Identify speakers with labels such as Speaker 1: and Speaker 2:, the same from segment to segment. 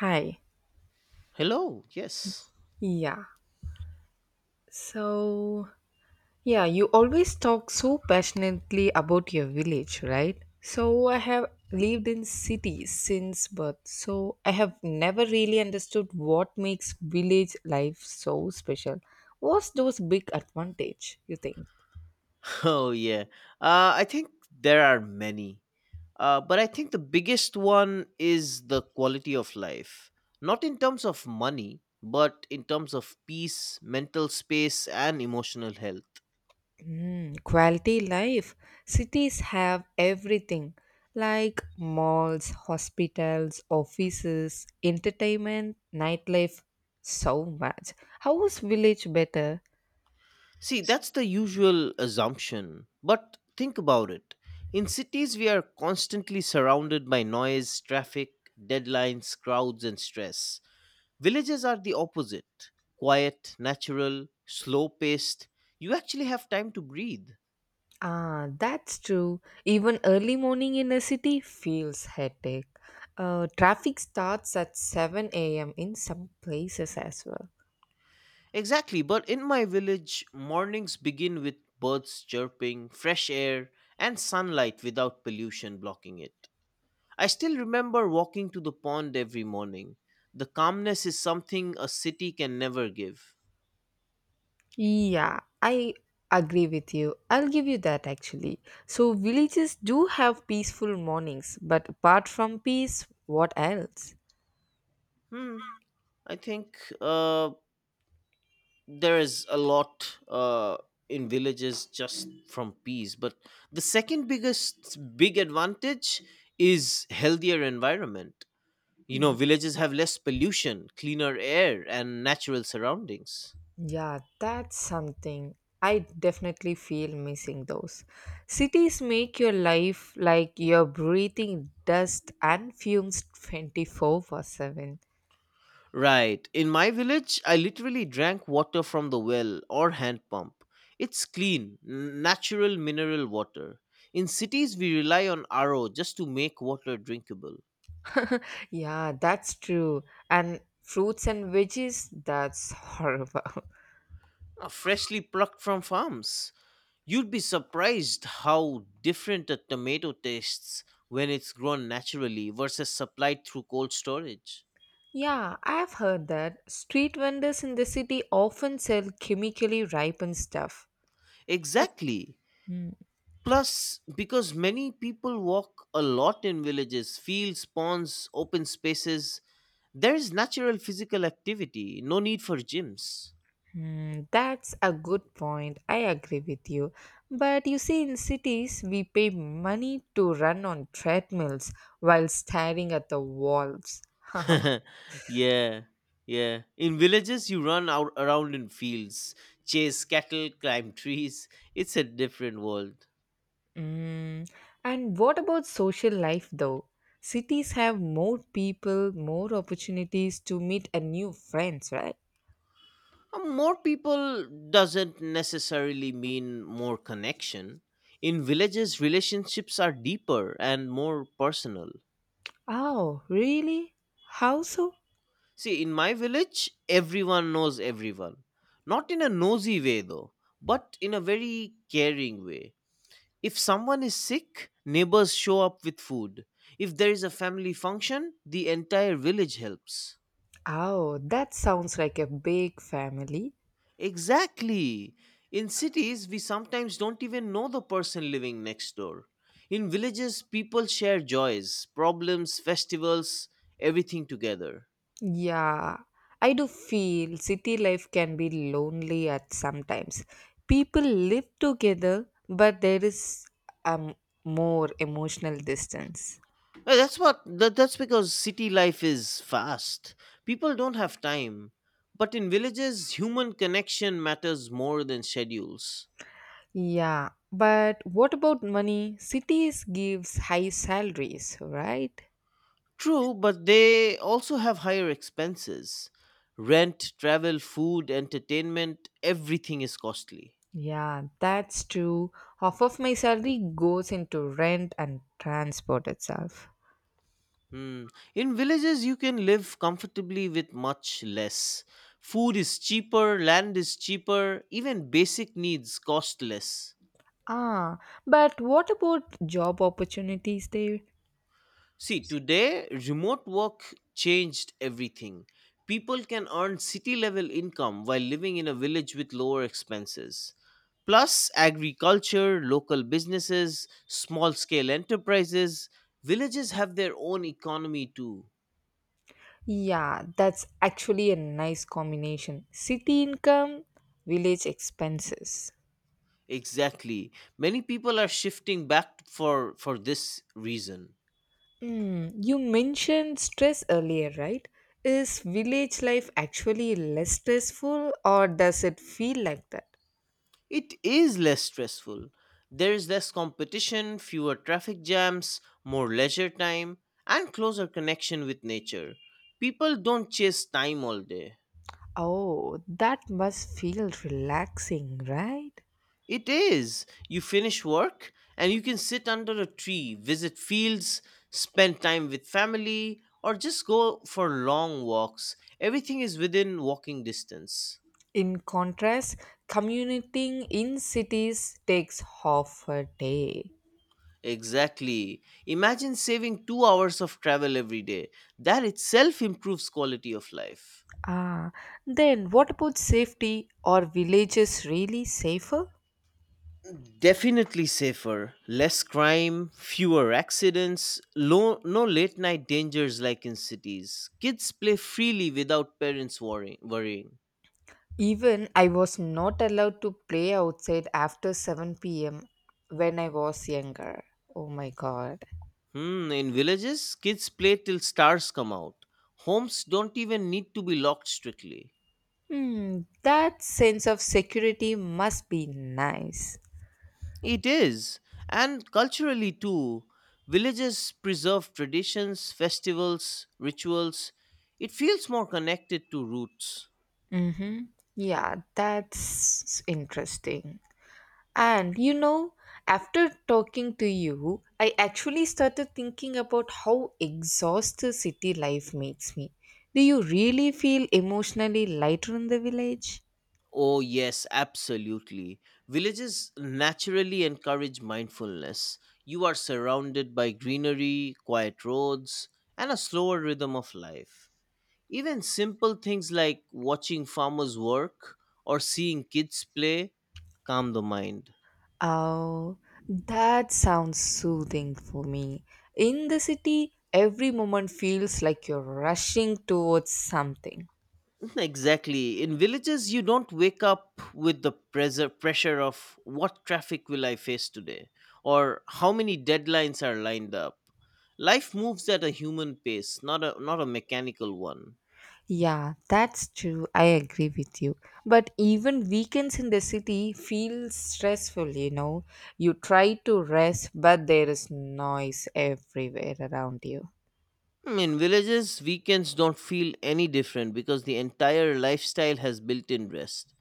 Speaker 1: Hi.
Speaker 2: Hello. Yes.
Speaker 1: Yeah. So, yeah, you always talk so passionately about your village, right? So, I have lived in cities since birth. So, I have never really understood what makes village life so special. What's those big advantage you think?
Speaker 2: Oh yeah. I think there are many, but I think the biggest one is the quality of life, not in terms of money, but in terms of peace, mental space, and emotional health.
Speaker 1: Mm, quality life. Cities have everything like malls, hospitals, offices, entertainment, nightlife, so much. How is village better?
Speaker 2: See, that's the usual assumption, but think about it. In cities, we are constantly surrounded by noise, traffic, deadlines, crowds, and stress. Villages are the opposite quiet, natural, slow paced. You actually have time to breathe.
Speaker 1: Ah, that's true. Even early morning in a city feels hectic. Traffic starts at 7 a.m. in some places as well.
Speaker 2: Exactly, but in my village, mornings begin with birds chirping, fresh air, and sunlight without pollution blocking it. I still remember walking to the pond every morning. The calmness is something a city can never give.
Speaker 1: Yeah, I agree with you. I'll give you that actually. So, villages do have peaceful mornings, but apart from peace, what else?
Speaker 2: Hmm, I think there is a lot in villages just from peas but the second biggest big advantage is healthier environment. You know,
Speaker 1: Mm,
Speaker 2: villages have less pollution, cleaner air, and natural surroundings.
Speaker 1: yeah, that's something. I definitely feel missing those. Cities make your life like you're breathing dust and fumes 24 for 7.
Speaker 2: Right, in my village I literally drank water from the well or hand pump. It's natural mineral water. In cities we rely on RO just to make water drinkable.
Speaker 1: Yeah, that's true. And fruits and veggies, that's horrible.
Speaker 2: Freshly plucked from farms. You'd be surprised how different a tomato tastes when it's grown naturally versus supplied through cold storage.
Speaker 1: Yeah, I've heard that street vendors in the city often sell chemically ripened stuff.
Speaker 2: Exactly. Plus, because many people walk a lot in villages, fields, ponds, open spaces, there is natural physical activity, no need for gyms.
Speaker 1: Hmm, that's a good point. I agree with you. But you see, in cities, we pay money to run on treadmills while staring at the walls.
Speaker 2: Yeah, yeah. In villages, you run out around in fields, chase cattle, climb trees. It's a different world.
Speaker 1: Hmm. And what about social life, though? Cities have more people, more opportunities to meet a new friends, right?
Speaker 2: More people doesn't necessarily mean more connection. In villages, relationships are deeper and more personal.
Speaker 1: Oh, really? How so?
Speaker 2: See, in my village, everyone knows everyone. Not in a nosy way, though, but in a very caring way. If someone is sick, neighbors show up with food. If there is a family function, the entire village helps.
Speaker 1: Oh, that sounds like a big family.
Speaker 2: Exactly. In cities, we sometimes don't even know the person living next door. In villages, people share joys, problems, festivals, everything together.
Speaker 1: Yeah, I do feel city life can be lonely at sometimes. People live together, but there is a more emotional distance.
Speaker 2: That's because city life is fast. People don't have time. But in villages, human connection matters more than schedules.
Speaker 1: Yeah, but what about money? Cities gives high salaries, right?
Speaker 2: True, but they also have higher expenses. Rent, travel, food, entertainment, everything is costly.
Speaker 1: Yeah, that's true. Half of my salary goes into rent and transport itself.
Speaker 2: Hmm. In villages, you can live comfortably with much less. Food is cheaper, land is cheaper, even basic needs cost less.
Speaker 1: Ah, but what about job opportunities there?
Speaker 2: See, today, remote work changed everything. People can earn city level income while living in a village with lower expenses. Plus, agriculture, local businesses, small scale enterprises, villages have their own economy too.
Speaker 1: Yeah, that's actually a nice combination. City income, village expenses.
Speaker 2: Exactly. Many people are shifting back for this reason.
Speaker 1: Hmm, you mentioned stress earlier, right? Is village life actually less stressful or does it feel like that?
Speaker 2: It is less stressful. There is less competition, fewer traffic jams, more leisure time, and closer connection with nature. People don't chase time all day.
Speaker 1: Oh, that must feel relaxing, right?
Speaker 2: It is. You finish work and you can sit under a tree, visit fields, spend time with family, or just go for long walks. Everything is within walking distance.
Speaker 1: In contrast, commuting in cities takes half a day.
Speaker 2: Exactly. Imagine saving 2 hours of travel every day. That itself improves quality of life.
Speaker 1: Ah, then what about safety? Are villages really safer?
Speaker 2: Definitely safer. Less crime, fewer accidents, no late night dangers like in cities. Kids play freely without parents worrying.
Speaker 1: Even I was not allowed to play outside after 7 p.m. when I was younger. Oh my god.
Speaker 2: Hmm, in villages, kids play till stars come out. Homes don't even need to be locked strictly.
Speaker 1: Hmm, that sense of security must be nice.
Speaker 2: It is, and culturally too. Villages preserve traditions, festivals, rituals. It feels more connected to roots.
Speaker 1: Mm-hmm. Yeah, that's interesting. And after talking to you, I actually started thinking about how exhausted city life makes me. Do you really feel emotionally lighter in the village?
Speaker 2: Oh, yes, absolutely. Villages naturally encourage mindfulness. You are surrounded by greenery, quiet roads, and a slower rhythm of life. Even simple things like watching farmers work or seeing kids play calm the mind.
Speaker 1: Oh, that sounds soothing for me. In the city, every moment feels like you're rushing towards something.
Speaker 2: Exactly. In villages, you don't wake up with the pressure of what traffic will I face today or how many deadlines are lined up. Life moves at a human pace, not a mechanical one.
Speaker 1: Yeah, that's true. I agree with you. But even weekends in the city feel stressful, you know. You try to rest, but there is noise everywhere around you.
Speaker 2: Hmm, in villages, weekends don't feel any different because the entire lifestyle has built-in rest.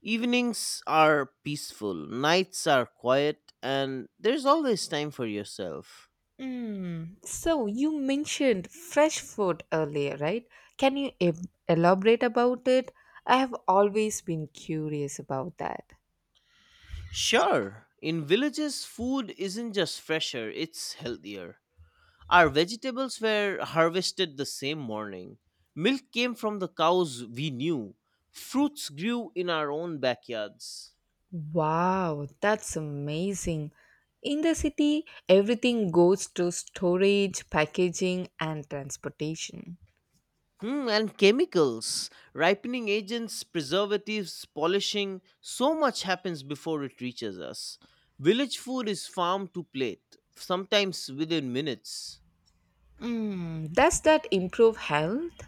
Speaker 2: Evenings are peaceful, nights are quiet, and there's always time for yourself.
Speaker 1: Mm. So you mentioned fresh food earlier, right? Can you elaborate about it? I have always been curious about that.
Speaker 2: Sure, in villages, food isn't just fresher, it's healthier. Our vegetables were harvested the same morning. Milk came from the cows we knew. Fruits grew in our own backyards.
Speaker 1: Wow, that's amazing. In the city, everything goes to storage, packaging, and transportation.
Speaker 2: Hmm, and chemicals, ripening agents, preservatives, polishing, so much happens before it reaches us. Village food is farm to plate, sometimes within minutes.
Speaker 1: Mm, does that improve health?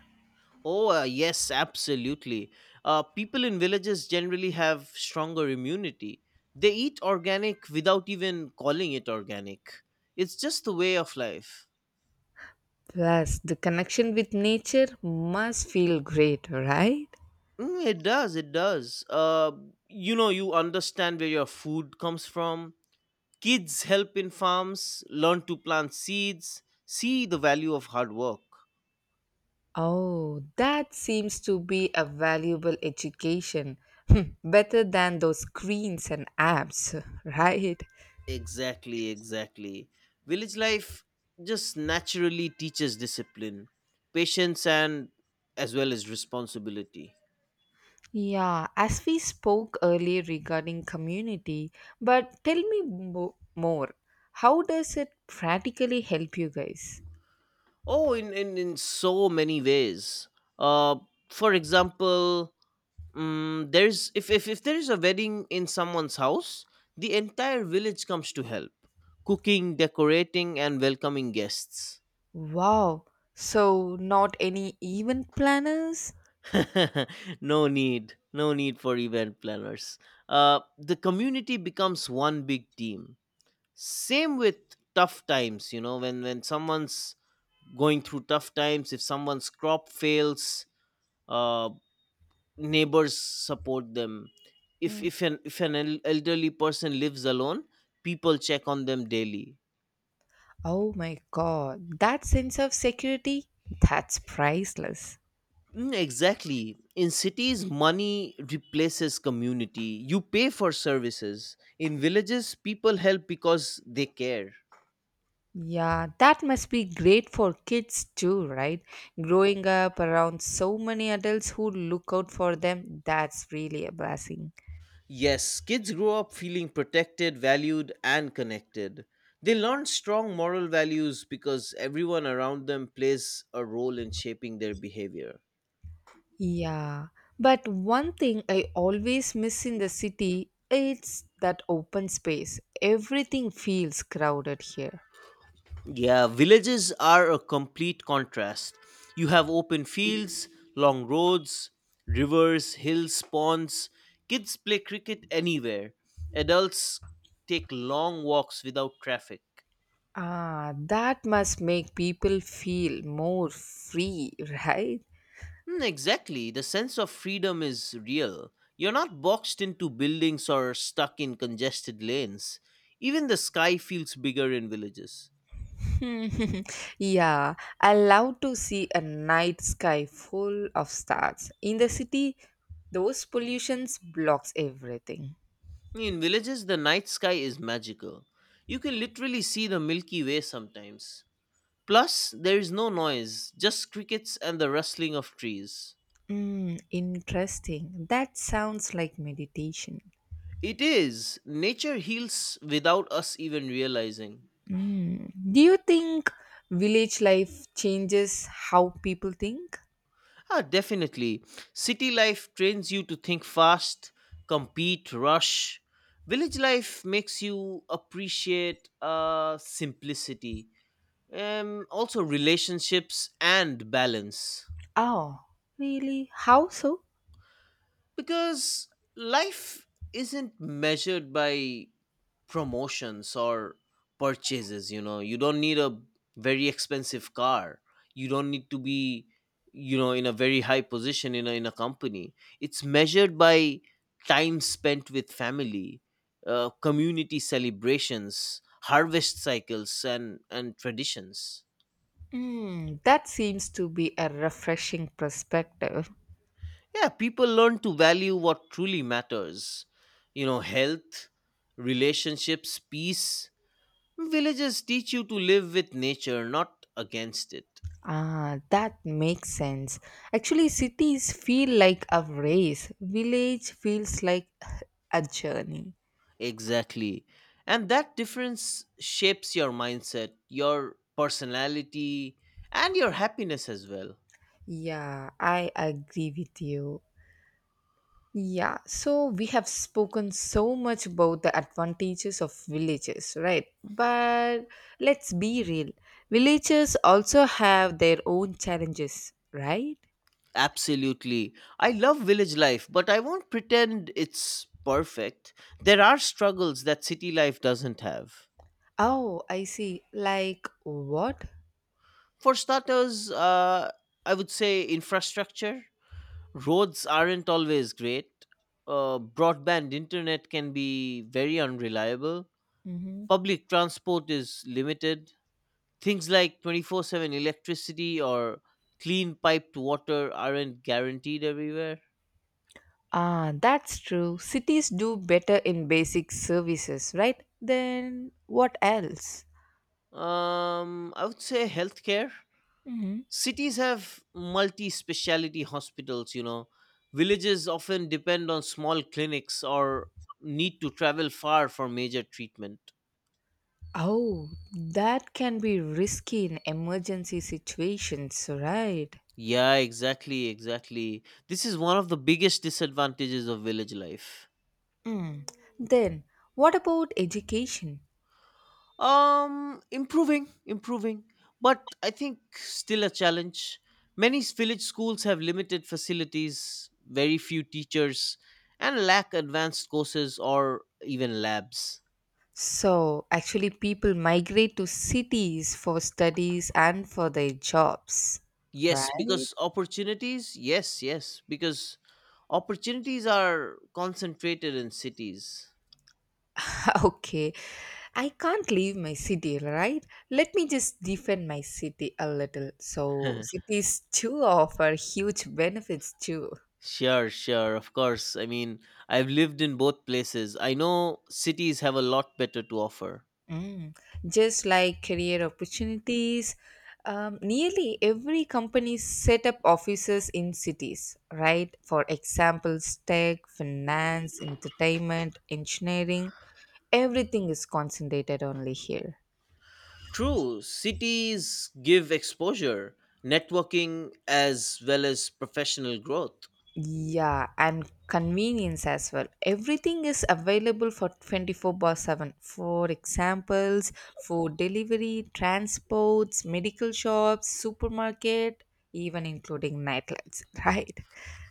Speaker 2: Oh, yes, absolutely. People in villages generally have stronger immunity. They eat organic without even calling it organic. It's just the way of life.
Speaker 1: Plus, the connection with nature must feel great, right?
Speaker 2: Mm, it does, it does. You know, you understand where your food comes from. Kids help in farms, learn to plant seeds, see the value of hard work.
Speaker 1: Oh, that seems to be a valuable education. Better than those screens and apps, right?
Speaker 2: Exactly, exactly. Village life just naturally teaches discipline, patience, and as well as responsibility.
Speaker 1: Yeah, as we spoke earlier regarding community, but tell me more. How does it practically help you guys?
Speaker 2: Oh, in so many ways. Uh, for example, there's if there is a wedding in someone's house, the entire village comes to help, cooking, decorating, and welcoming guests.
Speaker 1: Wow, so not any event planners?
Speaker 2: No need for event planners. The community becomes one big team. Same with tough times. You know, when someone's going through tough times, if someone's crop fails, uh, neighbors support them. if
Speaker 1: Mm.
Speaker 2: if an if an el- elderly person lives alone, people check on them daily.
Speaker 1: Oh my god, that sense of security? That's priceless.
Speaker 2: Mm, exactly. In cities, money replaces community. You pay for services. In villages, people help because they care.
Speaker 1: Yeah, that must be great for kids too, right? Growing up around so many adults who look out for them, that's really a blessing.
Speaker 2: Yes, kids grow up feeling protected, valued, and connected. They learn strong moral values because everyone around them plays a role in shaping their behavior.
Speaker 1: Yeah, but one thing I always miss in the city it's that open space. Everything feels crowded here.
Speaker 2: Yeah, villages are a complete contrast. You have open fields, long roads, rivers, hills, ponds. Kids play cricket anywhere. Adults take long walks without traffic.
Speaker 1: Ah, that must make people feel more free, right?
Speaker 2: Hmm, exactly. The sense of freedom is real. You're not boxed into buildings or stuck in congested lanes. Even the sky feels bigger in villages.
Speaker 1: Yeah, I love to see a night sky full of stars. In the city, those pollutions blocks everything.
Speaker 2: In villages, the night sky is magical. You can literally see the Milky Way sometimes. Plus, there is no noise, just crickets and the rustling of trees.
Speaker 1: Mm, interesting. That sounds like meditation.
Speaker 2: It is. Nature heals without us even realizing.
Speaker 1: Do you think village life changes how people think?
Speaker 2: Ah, definitely. City life trains you to think fast, compete, rush. Village life makes you appreciate simplicity, also relationships and balance.
Speaker 1: Oh, really? How so?
Speaker 2: Because life isn't measured by promotions or purchases. You know, you don't need a very expensive car, you don't need to be, you know, in a very high position in a company. It's measured by time spent with family, community celebrations, harvest cycles, and traditions.
Speaker 1: Hmm, that seems to be a refreshing perspective.
Speaker 2: Yeah, people learn to value what truly matters. You know, health, relationships, peace. Villages teach you to live with nature, not against it.
Speaker 1: Ah, that makes sense. Actually, cities feel like a race, village feels like a journey.
Speaker 2: Exactly. And that difference shapes your mindset, your personality, and your happiness as well.
Speaker 1: Yeah, I agree with you. Yeah, so we have spoken so much about the advantages of villages, right? But let's be real. Villages also have their own challenges, right?
Speaker 2: Absolutely. I love village life, but I won't pretend it's perfect. There are struggles that city life doesn't have.
Speaker 1: Oh, I see. Like what?
Speaker 2: For starters, I would say infrastructure. Roads aren't always great. Broadband internet can be very unreliable.
Speaker 1: Hmm.
Speaker 2: Public transport is limited. Things like 24/7 electricity or clean piped water aren't guaranteed everywhere.
Speaker 1: Ah, that's true. Cities do better in basic services, right? Then what else?
Speaker 2: I would say healthcare.
Speaker 1: Hmm.
Speaker 2: Cities have multi speciality hospitals, you know. Villages often depend on small clinics or need to travel far for major treatment.
Speaker 1: Oh, that can be risky in emergency situations, right?
Speaker 2: Yeah, exactly, exactly. This is one of the biggest disadvantages of village life.
Speaker 1: Mm. Then, what about education?
Speaker 2: Improving, but I think still a challenge. Many village schools have limited facilities, very few teachers, and lack advanced courses or even labs.
Speaker 1: So, actually, people migrate to cities for studies and for their jobs, right?
Speaker 2: Yes, because opportunities, yes, yes, because opportunities are concentrated in cities.
Speaker 1: Okay, I can't leave my city, right? Let me just defend my city a little. So, cities too offer huge benefits too.
Speaker 2: Sure, sure, of course. I mean, I've lived in both places. I know cities have a lot better to offer.
Speaker 1: Mm. Just like career opportunities, nearly every company set up offices in cities, right? For example, tech, finance, entertainment, engineering, everything is concentrated only here.
Speaker 2: True, cities give exposure, networking, as well as professional growth.
Speaker 1: Yeah, and convenience as well. Everything is available for 24 bar 7. For examples, for delivery, transports, medical shops, supermarket, even including nightlights, right?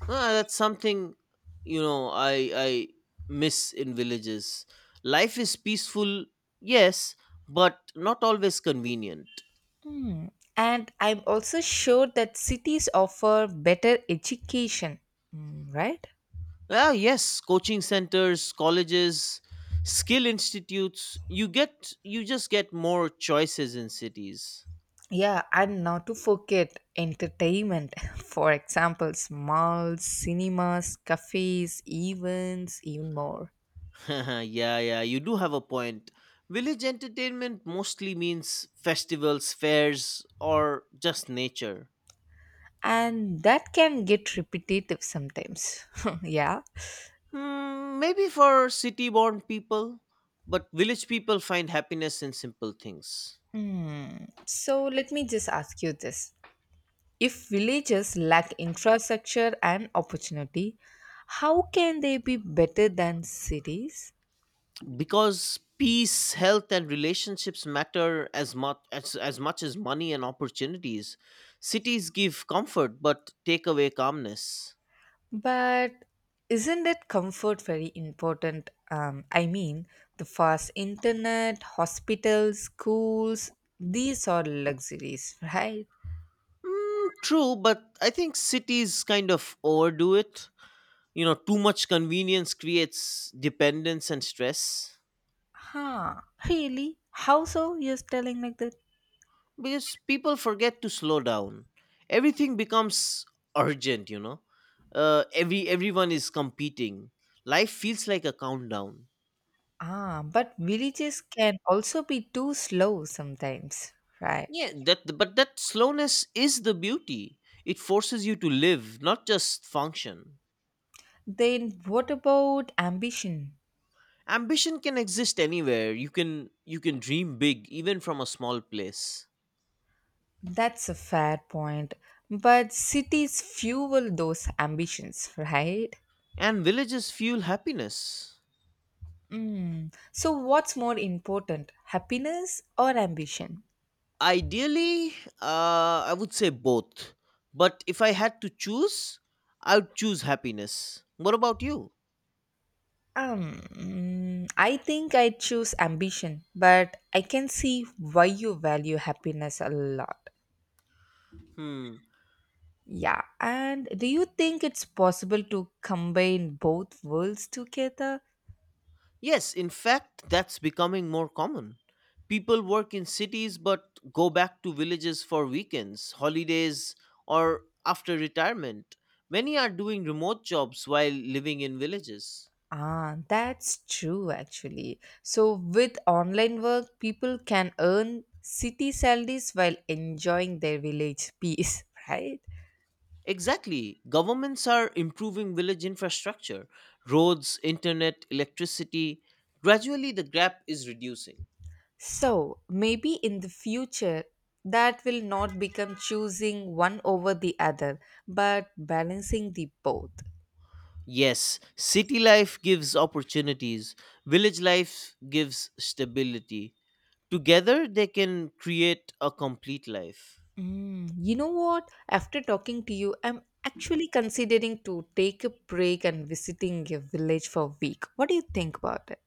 Speaker 2: Ah, that's something, you know, I miss in villages. Life is peaceful, yes, but not always convenient.
Speaker 1: Hmm. And I'm also sure that cities offer better education, hmm, right?
Speaker 2: Ah, yes, coaching centers, colleges, skill institutes. You just get more choices in cities.
Speaker 1: Yeah, and not to forget entertainment. For examples, malls, cinemas, cafes, events, even more.
Speaker 2: Yeah, yeah, you do have a point. Village entertainment mostly means festivals, fairs, or just nature.
Speaker 1: And that can get repetitive sometimes. Yeah.
Speaker 2: Hmm, maybe for city born people, but village people find happiness in simple things.
Speaker 1: Hmm. So let me just ask you this. If villages lack infrastructure and opportunity, how can they be better than cities?
Speaker 2: Because peace, health, and relationships matter as much as money and opportunities. Cities give comfort but take away calmness.
Speaker 1: But isn't that comfort very important? I mean, the fast internet, hospitals, schools, these are luxuries, right?
Speaker 2: Mm, true, but I think cities kind of overdo it. You know, too much convenience creates dependence and stress,
Speaker 1: Huh, really? How so? You're telling like that?
Speaker 2: because people forget to slow down. Everything becomes urgent, you know. Everyone is competing. Life feels like a countdown.
Speaker 1: Ah, but villages can also be too slow sometimes, right?
Speaker 2: Yeah, that but that slowness is the beauty. It forces you to live, not just function.
Speaker 1: Then what about ambition?
Speaker 2: Ambition can exist anywhere. You can dream big even from a small place.
Speaker 1: That's a fair point. But cities fuel those ambitions, right?
Speaker 2: And villages fuel happiness.
Speaker 1: Mm. So what's more important, happiness or ambition?
Speaker 2: Ideally, I would say both. But if I had to choose, I would choose happiness. What about you?
Speaker 1: I think I choose ambition, but I can see why you value happiness a lot.
Speaker 2: Hmm.
Speaker 1: Yeah, and do you think it's possible to combine both worlds together?
Speaker 2: Yes, in fact, that's becoming more common. People work in cities but go back to villages for weekends, holidays, or after retirement. Many are doing remote jobs while living in villages.
Speaker 1: Ah, that's true actually. So, with online work, people can earn city salaries while enjoying their village peace, right?
Speaker 2: Exactly. Governments are improving village infrastructure, roads, internet, electricity. Gradually, the gap is reducing.
Speaker 1: So, maybe in the future, that will not become choosing one over the other, but balancing the both.
Speaker 2: Yes, city life gives opportunities, village life gives stability. Together, they can create a complete life.
Speaker 1: Mm, you know what? After talking to you, I'm actually considering to take a break and visiting a village for a week. What do you think about it?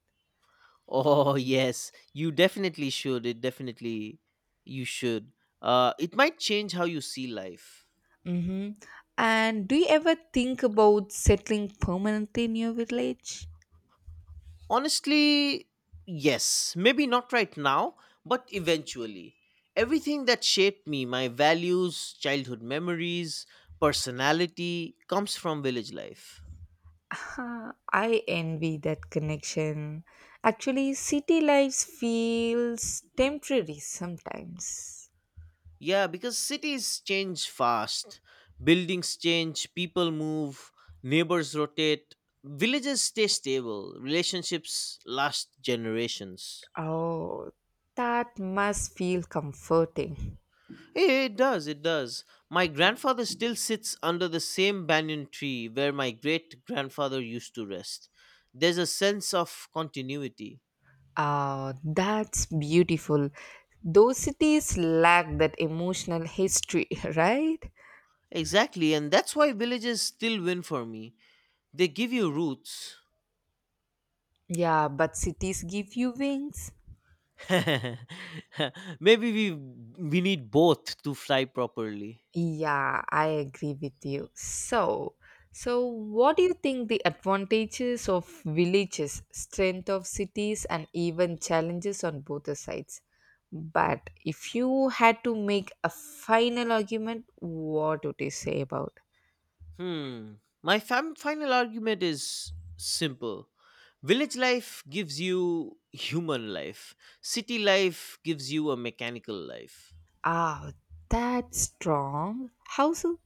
Speaker 2: Oh, yes, you definitely should. It definitely, you should. It might change how you see life.
Speaker 1: Mm-hmm. And do you ever think about settling permanently in your village?
Speaker 2: Honestly, yes. Maybe not right now, but eventually. Everything that shaped me, my values, childhood memories, personality, comes from village life.
Speaker 1: Ah, I envy that connection. Actually, city life feels temporary sometimes.
Speaker 2: Yeah, because cities change fast, buildings change, people move, neighbors rotate, villages stay stable, relationships last generations.
Speaker 1: Oh, that must feel comforting.
Speaker 2: Eh, it does, it does. My grandfather still sits under the same banyan tree where my great grandfather used to rest. There's a sense of continuity.
Speaker 1: Ah, that's beautiful. Those cities lack that emotional history, right?
Speaker 2: Exactly, and that's why villages still win for me. They give you roots.
Speaker 1: Yeah, but cities give you wings.
Speaker 2: Maybe we need both to fly properly.
Speaker 1: Yeah, I agree with you. So, what do you think the advantages of villages, strength of cities and even challenges on both the sides? But if you had to make a final argument, what would you say about?
Speaker 2: Hmm. My final argument is simple. Village life gives you human life. City life gives you a mechanical life.
Speaker 1: Ah, that's strong. How so?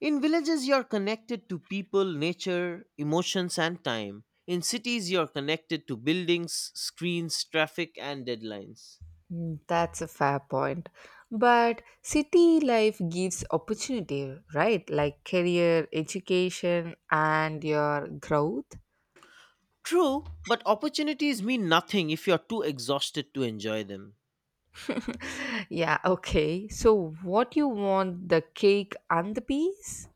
Speaker 2: In villages, you're connected to people, nature, emotions, and time. In cities, you're connected to buildings, screens, traffic, and deadlines.
Speaker 1: Mm, that's a fair point. But city life gives opportunity, right? Like career, education, and your growth.
Speaker 2: True, but opportunities mean nothing if you're too exhausted to enjoy them.
Speaker 1: Yeah, okay. So, what you want the cake and the peas?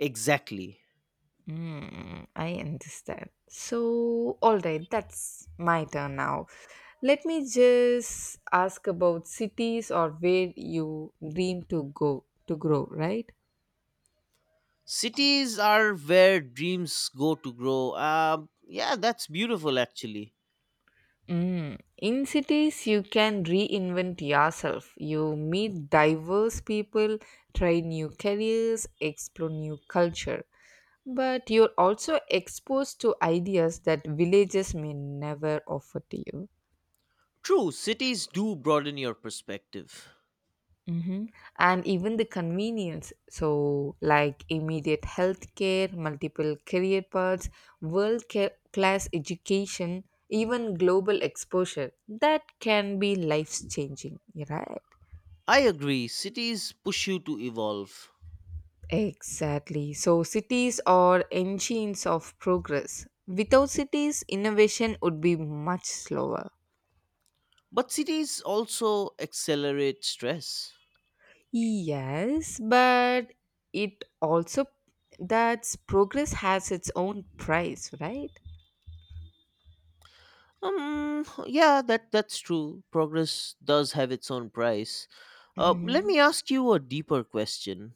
Speaker 2: Exactly.
Speaker 1: Mm, I understand. So, all right, that's my turn now. Let me just ask about cities or where you dream to go to grow, right?
Speaker 2: Cities are where dreams go to grow. Yeah, that's beautiful actually.
Speaker 1: Mm. In cities, you can reinvent yourself. You meet diverse people, try new careers, explore new culture. But you're also exposed to ideas that villages may never offer to you.
Speaker 2: True, cities do broaden your perspective.
Speaker 1: Mhm. And even the convenience, so like immediate healthcare, multiple career paths, world class education, even global exposure, that can be life changing, right?
Speaker 2: I agree, cities push you to evolve.
Speaker 1: Exactly. So, cities are engines of progress. Without cities, innovation would be much slower.
Speaker 2: But cities also accelerate stress.
Speaker 1: Yes, but it also that's progress has its own price, right?
Speaker 2: Yeah, that's true. Progress does have its own price. Let
Speaker 1: Mhm.
Speaker 2: me ask you a deeper question.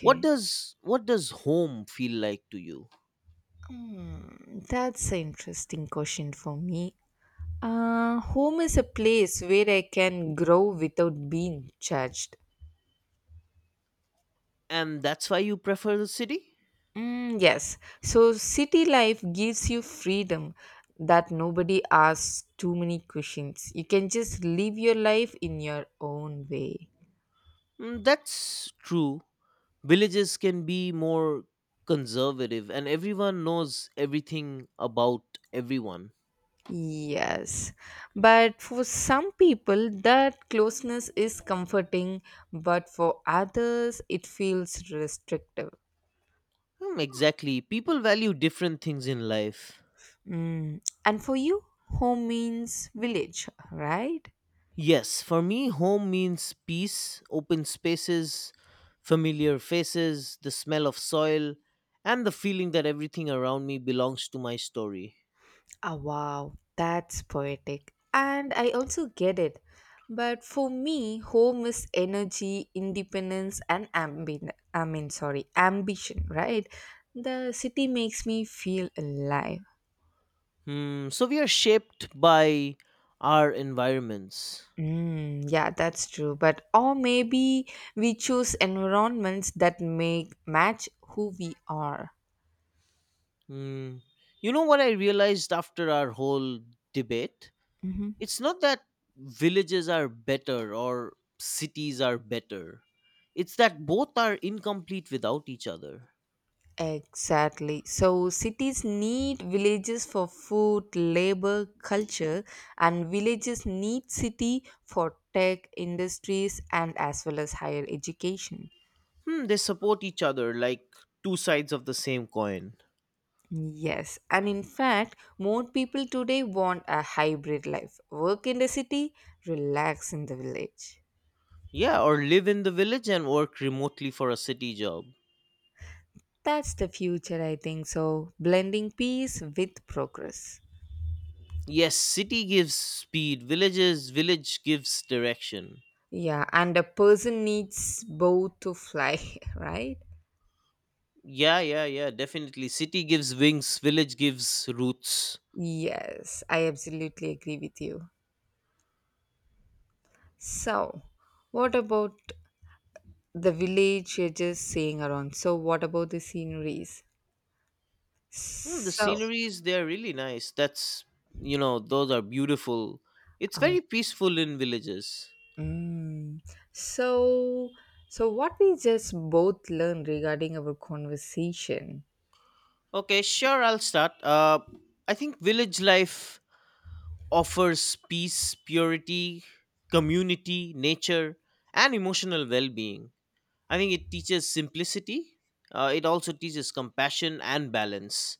Speaker 2: What does what does home feel like to you?
Speaker 1: Hmm, that's an interesting question for me. Home is a place where I can grow without being judged.
Speaker 2: And that's why you prefer the city?
Speaker 1: Mm, yes. So city life gives you freedom that nobody asks too many questions. You can just live your life in your own way.
Speaker 2: Mm, that's true. Villages can be more conservative and everyone knows everything about everyone.
Speaker 1: Yes. But for some people, that closeness is comforting, but for others, it feels restrictive.
Speaker 2: Hmm, exactly. People value different things in life.
Speaker 1: Mm. And for you, home means village, right?
Speaker 2: Yes, for me, home means peace, open spaces, familiar faces, the smell of soil, and the feeling that everything around me belongs to my story.
Speaker 1: Ah, wow, that's poetic. And I also get it. But for me, home is energy, independence, and I mean, sorry, ambition, right? The city makes me feel alive.
Speaker 2: Hmm, so we are shaped by our environments.
Speaker 1: Mm, yeah, that's true. But or maybe we choose environments that make match who we are.
Speaker 2: Hmm, you know what I realized after our whole debate?
Speaker 1: Mm-hmm.
Speaker 2: It's not that villages are better or cities are better, it's that both are incomplete without each other.
Speaker 1: Exactly. So cities need villages for food, labor, culture, and villages need city for tech, industries, and as well as higher education.
Speaker 2: Hmm, they support each other like two sides of the same coin.
Speaker 1: Yes, and in fact, more people today want a hybrid life. Work in the city, relax in the village.
Speaker 2: Yeah, or live in the village and work remotely for a city job.
Speaker 1: That's the future, I think so. Blending peace with progress.
Speaker 2: Yes, city gives speed, village gives direction.
Speaker 1: Yeah, and a person needs both to fly, right?
Speaker 2: Yeah, yeah, yeah, definitely. City gives wings, village gives roots.
Speaker 1: Yes, I absolutely agree with you. So, what about the village you're just saying around? So, what about the sceneries?
Speaker 2: Hmm, the
Speaker 1: So,
Speaker 2: sceneries they're really nice. That's, you know, those are beautiful. It's
Speaker 1: oh,
Speaker 2: very peaceful in villages.
Speaker 1: mm, so, so what we just both learned regarding our conversation.
Speaker 2: Okay, sure, I'll start. I think village life offers peace, purity, community, nature, and emotional well being. I think it teaches simplicity. It also teaches compassion and balance.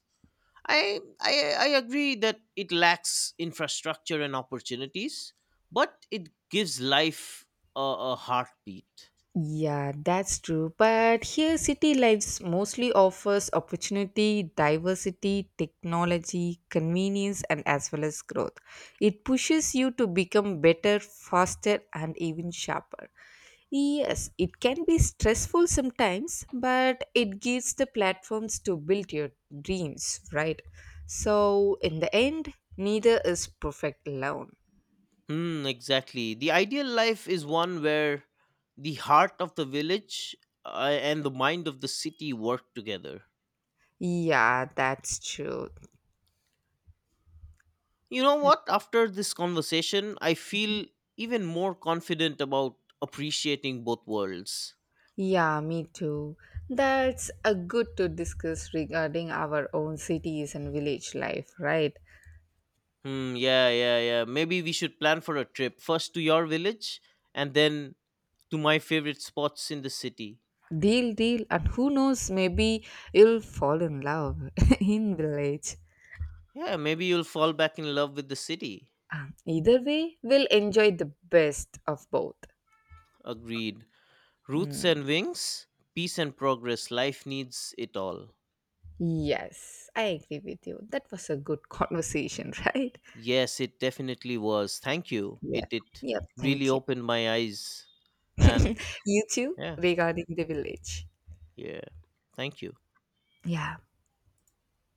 Speaker 2: I agree that it lacks infrastructure and opportunities, but it gives life a, a heartbeat.
Speaker 1: Yeah, that's true. But here, city lives mostly offers opportunity, diversity, technology, convenience, and as well as growth. It pushes you to become better, faster, and even sharper. Yes, it can be stressful sometimes, but it gives the platforms to build your dreams, right? So, in the end, neither is perfect alone.
Speaker 2: Hmm, exactly. The ideal life is one where the heart of the village, and the mind of the city, work together.
Speaker 1: Yeah, that's true.
Speaker 2: You know what? After this conversation, I feel even more confident about appreciating both worlds.
Speaker 1: Yeah, me too. That's a good to discuss regarding our own cities and village life, right?
Speaker 2: Hmm, yeah, yeah, yeah. Maybe we should plan for a trip first to your village and then to my favorite spots in the city.
Speaker 1: Deal, deal, and who knows, maybe you'll fall in love in village.
Speaker 2: Yeah, maybe you'll fall back in love with the city.
Speaker 1: Either way, we'll enjoy the best of both.
Speaker 2: Agreed. Roots and
Speaker 1: Hmm.
Speaker 2: wings, peace and progress. Life needs it all.
Speaker 1: Yes, I agree with you. That was a good conversation, right?
Speaker 2: Yes, it definitely was. Thank you.
Speaker 1: Yeah.
Speaker 2: It
Speaker 1: Yeah,
Speaker 2: really
Speaker 1: thank you.
Speaker 2: opened my eyes and
Speaker 1: You too,
Speaker 2: yeah,
Speaker 1: regarding the village.
Speaker 2: yeah. Thank you.
Speaker 1: Yeah.